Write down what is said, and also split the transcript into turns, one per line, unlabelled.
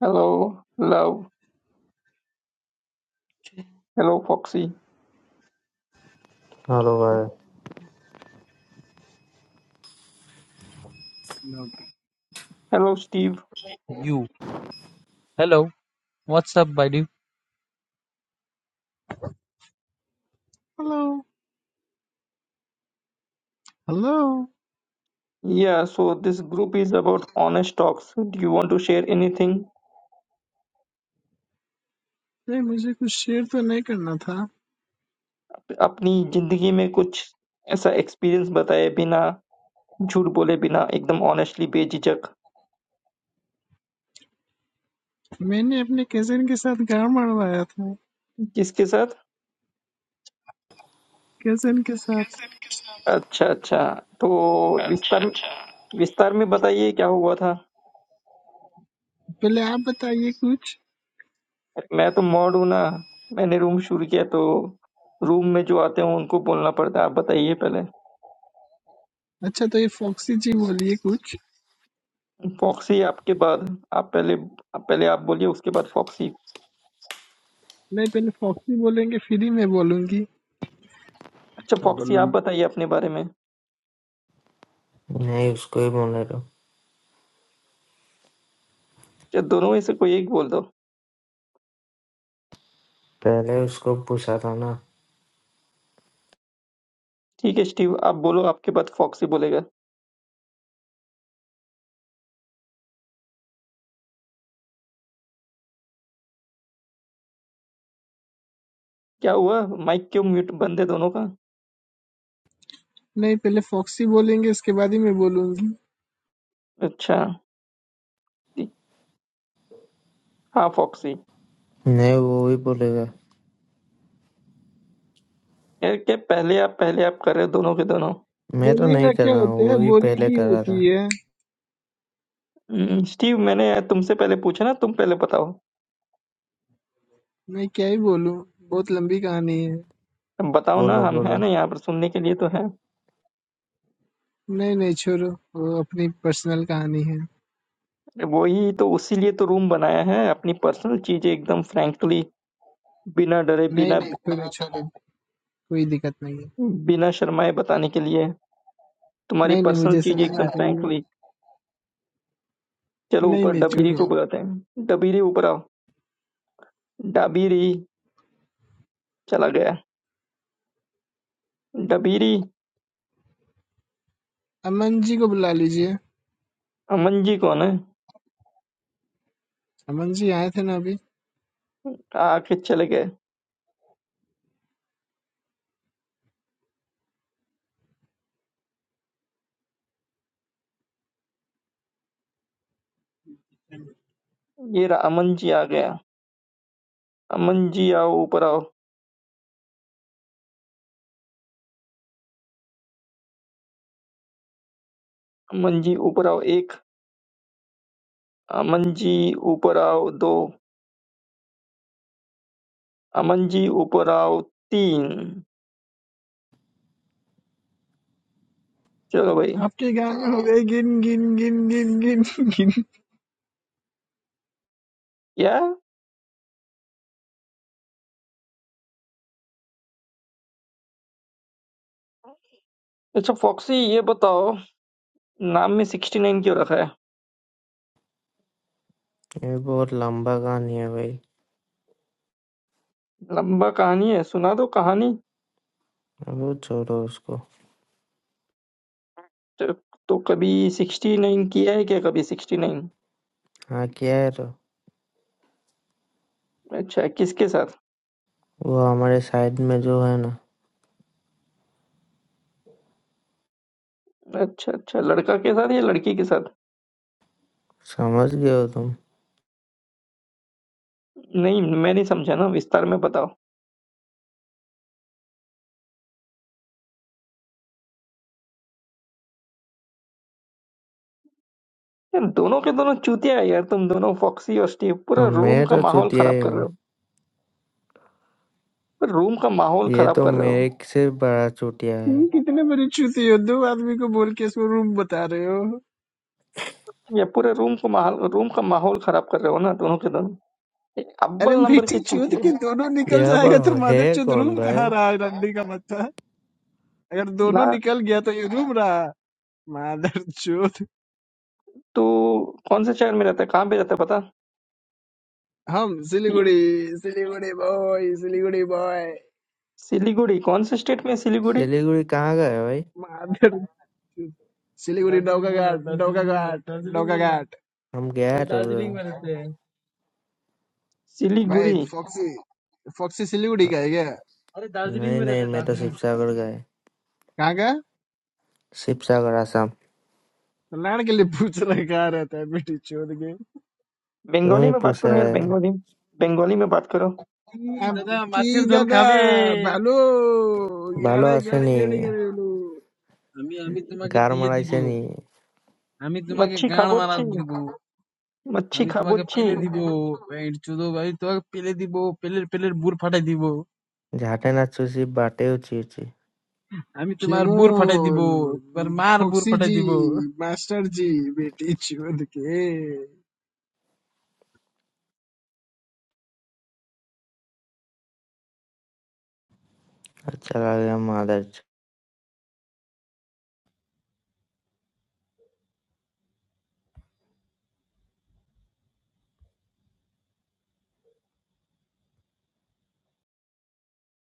Hello, love. Hello, Foxy.
Hello भाई
Look,
Hello, Steve.
you. Hello. What's up, buddy? Hello hello
Yeah, so this group is about honest talks. Do you want to share anything?
ये मुझे को नहीं करना था
अपनी जिंदगी में कुछ ऐसा एक्सपीरियंस बताए बिना झूठ बोले बिना एकदम ऑनेस्टली बेझिझक
मैंने अपने कजन के साथ गाँव मरवाया था
किसके साथ
कजन के साथ
अच्छा अच्छा तो
अच्छा
विस्तार में
अच्छा
विस्तार में बताइए क्या हुआ था
पहले आप बताइए कुछ
मैं तो मॉड हूं ना मैंने रूम शुरू किया तो रूम में जो आते हैं उनको बोलना पड़ता है आप बताइए पहले
अच्छा तो ये फॉक्सी जी बोलिए कुछ
फॉक्सी आपके बाद आप पहले आप पहले आप बोलिए उसके बाद फॉक्सी
नहीं पहले फॉक्सी बोलेंगे फिर ही मैं बोलूंगी
अच्छा फॉक्सी आप बताइए अपने बारे में
नहीं उसको ही बोलने दो
या दोनों में से कोई एक बोल दो
पहले उसको पूछा था ना
ठीक है स्टीव आप बोलो आपके बाद फॉक्सी बोलेगा क्या हुआ माइक क्यों म्यूट बंद है दोनों का
नहीं पहले फॉक्सी बोलेंगे उसके बाद ही मैं बोलूंगी
अच्छा ठीक। हाँ फॉक्सी
नहीं वो ही बोलेगा
यार क्या पहले आप पहले आप कर रहे हो दोनों के दोनों
मैं तो
बोली
नहीं
का
कर
क्या
रहा हूँ
होता
वो
है
ही
बोली
पहले
की
कर रहा था
होती है
हम्म, स्टीव मैंने तुमसे पहले पूछा ना तुम पहले बताओ
मैं क्या ही बोलूं बहुत लंबी कहानी है
अब बताओ ना
बोलो
हम है
बोलो
ना यहाँ पर सुनने के लिए तो है
नहीं नहीं छोड़ो वो अपनी पर्सनल कहानी है
वही तो उसी लिए तो रूम बनाया है अपनी पर्सनल चीजें एकदम फ्रैंकली बिना डरे
नहीं
बिना
नहीं छोड़ो छोड़ो कोई दिक्कत नहीं है
बिना शर्माए बताने के लिए तुम्हारी
नहीं नहीं
पर्सनल
मुझे
चीज
समझ में
एकदम
आ रही है
फ्रैंकली चलो
नहीं
ऊपर
नहीं
डबीरी
छोड़ो
को बुलाते हैं डबीरी ऊपर आओ डबीरी चला गया डबीरी
अमन जी को बुला लीजिए
अमन जी कौन है
अमन जी आए थे ना अभी
आके चले गए ये रहा अमन जी आ गया अमन जी आओ ऊपर आओ अमन जी ऊपर आओ एक अमन जी ऊपर आओ दो अमन जी ऊपर आओ तीन चलो भाई
आपके गाने हो गए गिन गिन गिन गिन गिन गिन
क्या अच्छा फॉक्सी ये बताओ नाम में सिक्सटी नाइन क्यों रखा है
ये बहुत लंबा कहानी है भाई
लंबा कहानी है सुना दो कहानी
वो छोड़ो उसको
तो तो कभी 69 किया है क्या कभी 69
हाँ क्या है तो
अच्छा किसके साथ
वो हमारे साइड में जो है ना
अच्छा अच्छा लड़का के साथ या लड़की के साथ
समझ गए हो तुम
नहीं मैं नहीं समझा ना विस्तार में बताओ यार दोनों के दोनों चूतिया है यार तुम दोनों फॉक्सी और स्टीव पूरा
और
रूम
मैं
का
तो
माहौल
चूतिया
खराब
ही
कर रहे
हूँ
हो पूरा रूम का माहौल
ये
खराब
तो
कर रहे हो
मेरे से बड़ा चूतिया
तुम
है
कितने बड़े चूती हो दो आदमी को बोल के इसको रूम बता रहे हो
या पूरे रूम को माहौल रूम का माहौल खराब कर रहे हो ना दोनों के दोनों एक
अरे
अव्वल नंबर के
बेटी चूत
चूतिए
के
हो
दोनों निकल
यहाँ पर
जाएगा तो मादर
है
चूत
कौन
रूम
भाई
कहाँ रहा है रंडी का मत्था अगर
ना
दोनों निकल गया तो ये रूम रहा मादर चूत
तो कौन से शहर में रहता है कहाँ पे रहता है पता
हम
Steve
Siliguri Siliguri boy Siliguri boy
Siliguri कौन से स्टेट में है सिलीगुड़ी
सिलीगुड़ी कहाँ गए भाई
माधर सिलीगुड़ी दार्जिलिंग नौका में घाट रह- नौका दार्जिलिंग में रह- घाट दार्जिलिंग नौका में रह- घाट
हम
अरे
गया तो
दार्जिलिंग में रहते हैं भाई
सिलीगुड़ी
फॉक्सी फॉक्सी सिलीगुड़ी का है क्या अरे दार्जिलिंग
नहीं
में
नहीं
रहते हैं
मैं तो
दार्जिलिंग
शिवसागर गए
कहाँ का
शिवसागर आसाम
कल्याण के लिए पूछ रहा है कहाँ रहता है बेटी चोद के की
बंगाली
তুমি
में बात
পুষে
करो यार बंगाली बंगाली में बात करो
दादा अबकी माथेर जाऊन दादा खाबे ভালো
ভালো
গাড়ে গাড়ে
আসেনি
গাড়ে গাড়ে হলো আমি আমি তোমাকে
গার
দিয়ে দিব
মারাইছে নি
আমি তোমাকে
मच्छी
গান মারা
खाबोची
দিব
मच्छी
আমি তোমাকে
खाबोची
পেলে দিব এই চোদ ভাই তোমাকে পেলে দিব পেলের পেলের বুড় ফাটাই দিব
ঝাঁটে না চুষি বাটেও চুষি
امی تو ماربور فرده دیبو، برماربور فرده دیبو. ماستر جی، می تیچی ولی که.
আচ্ছা লাগে মাদার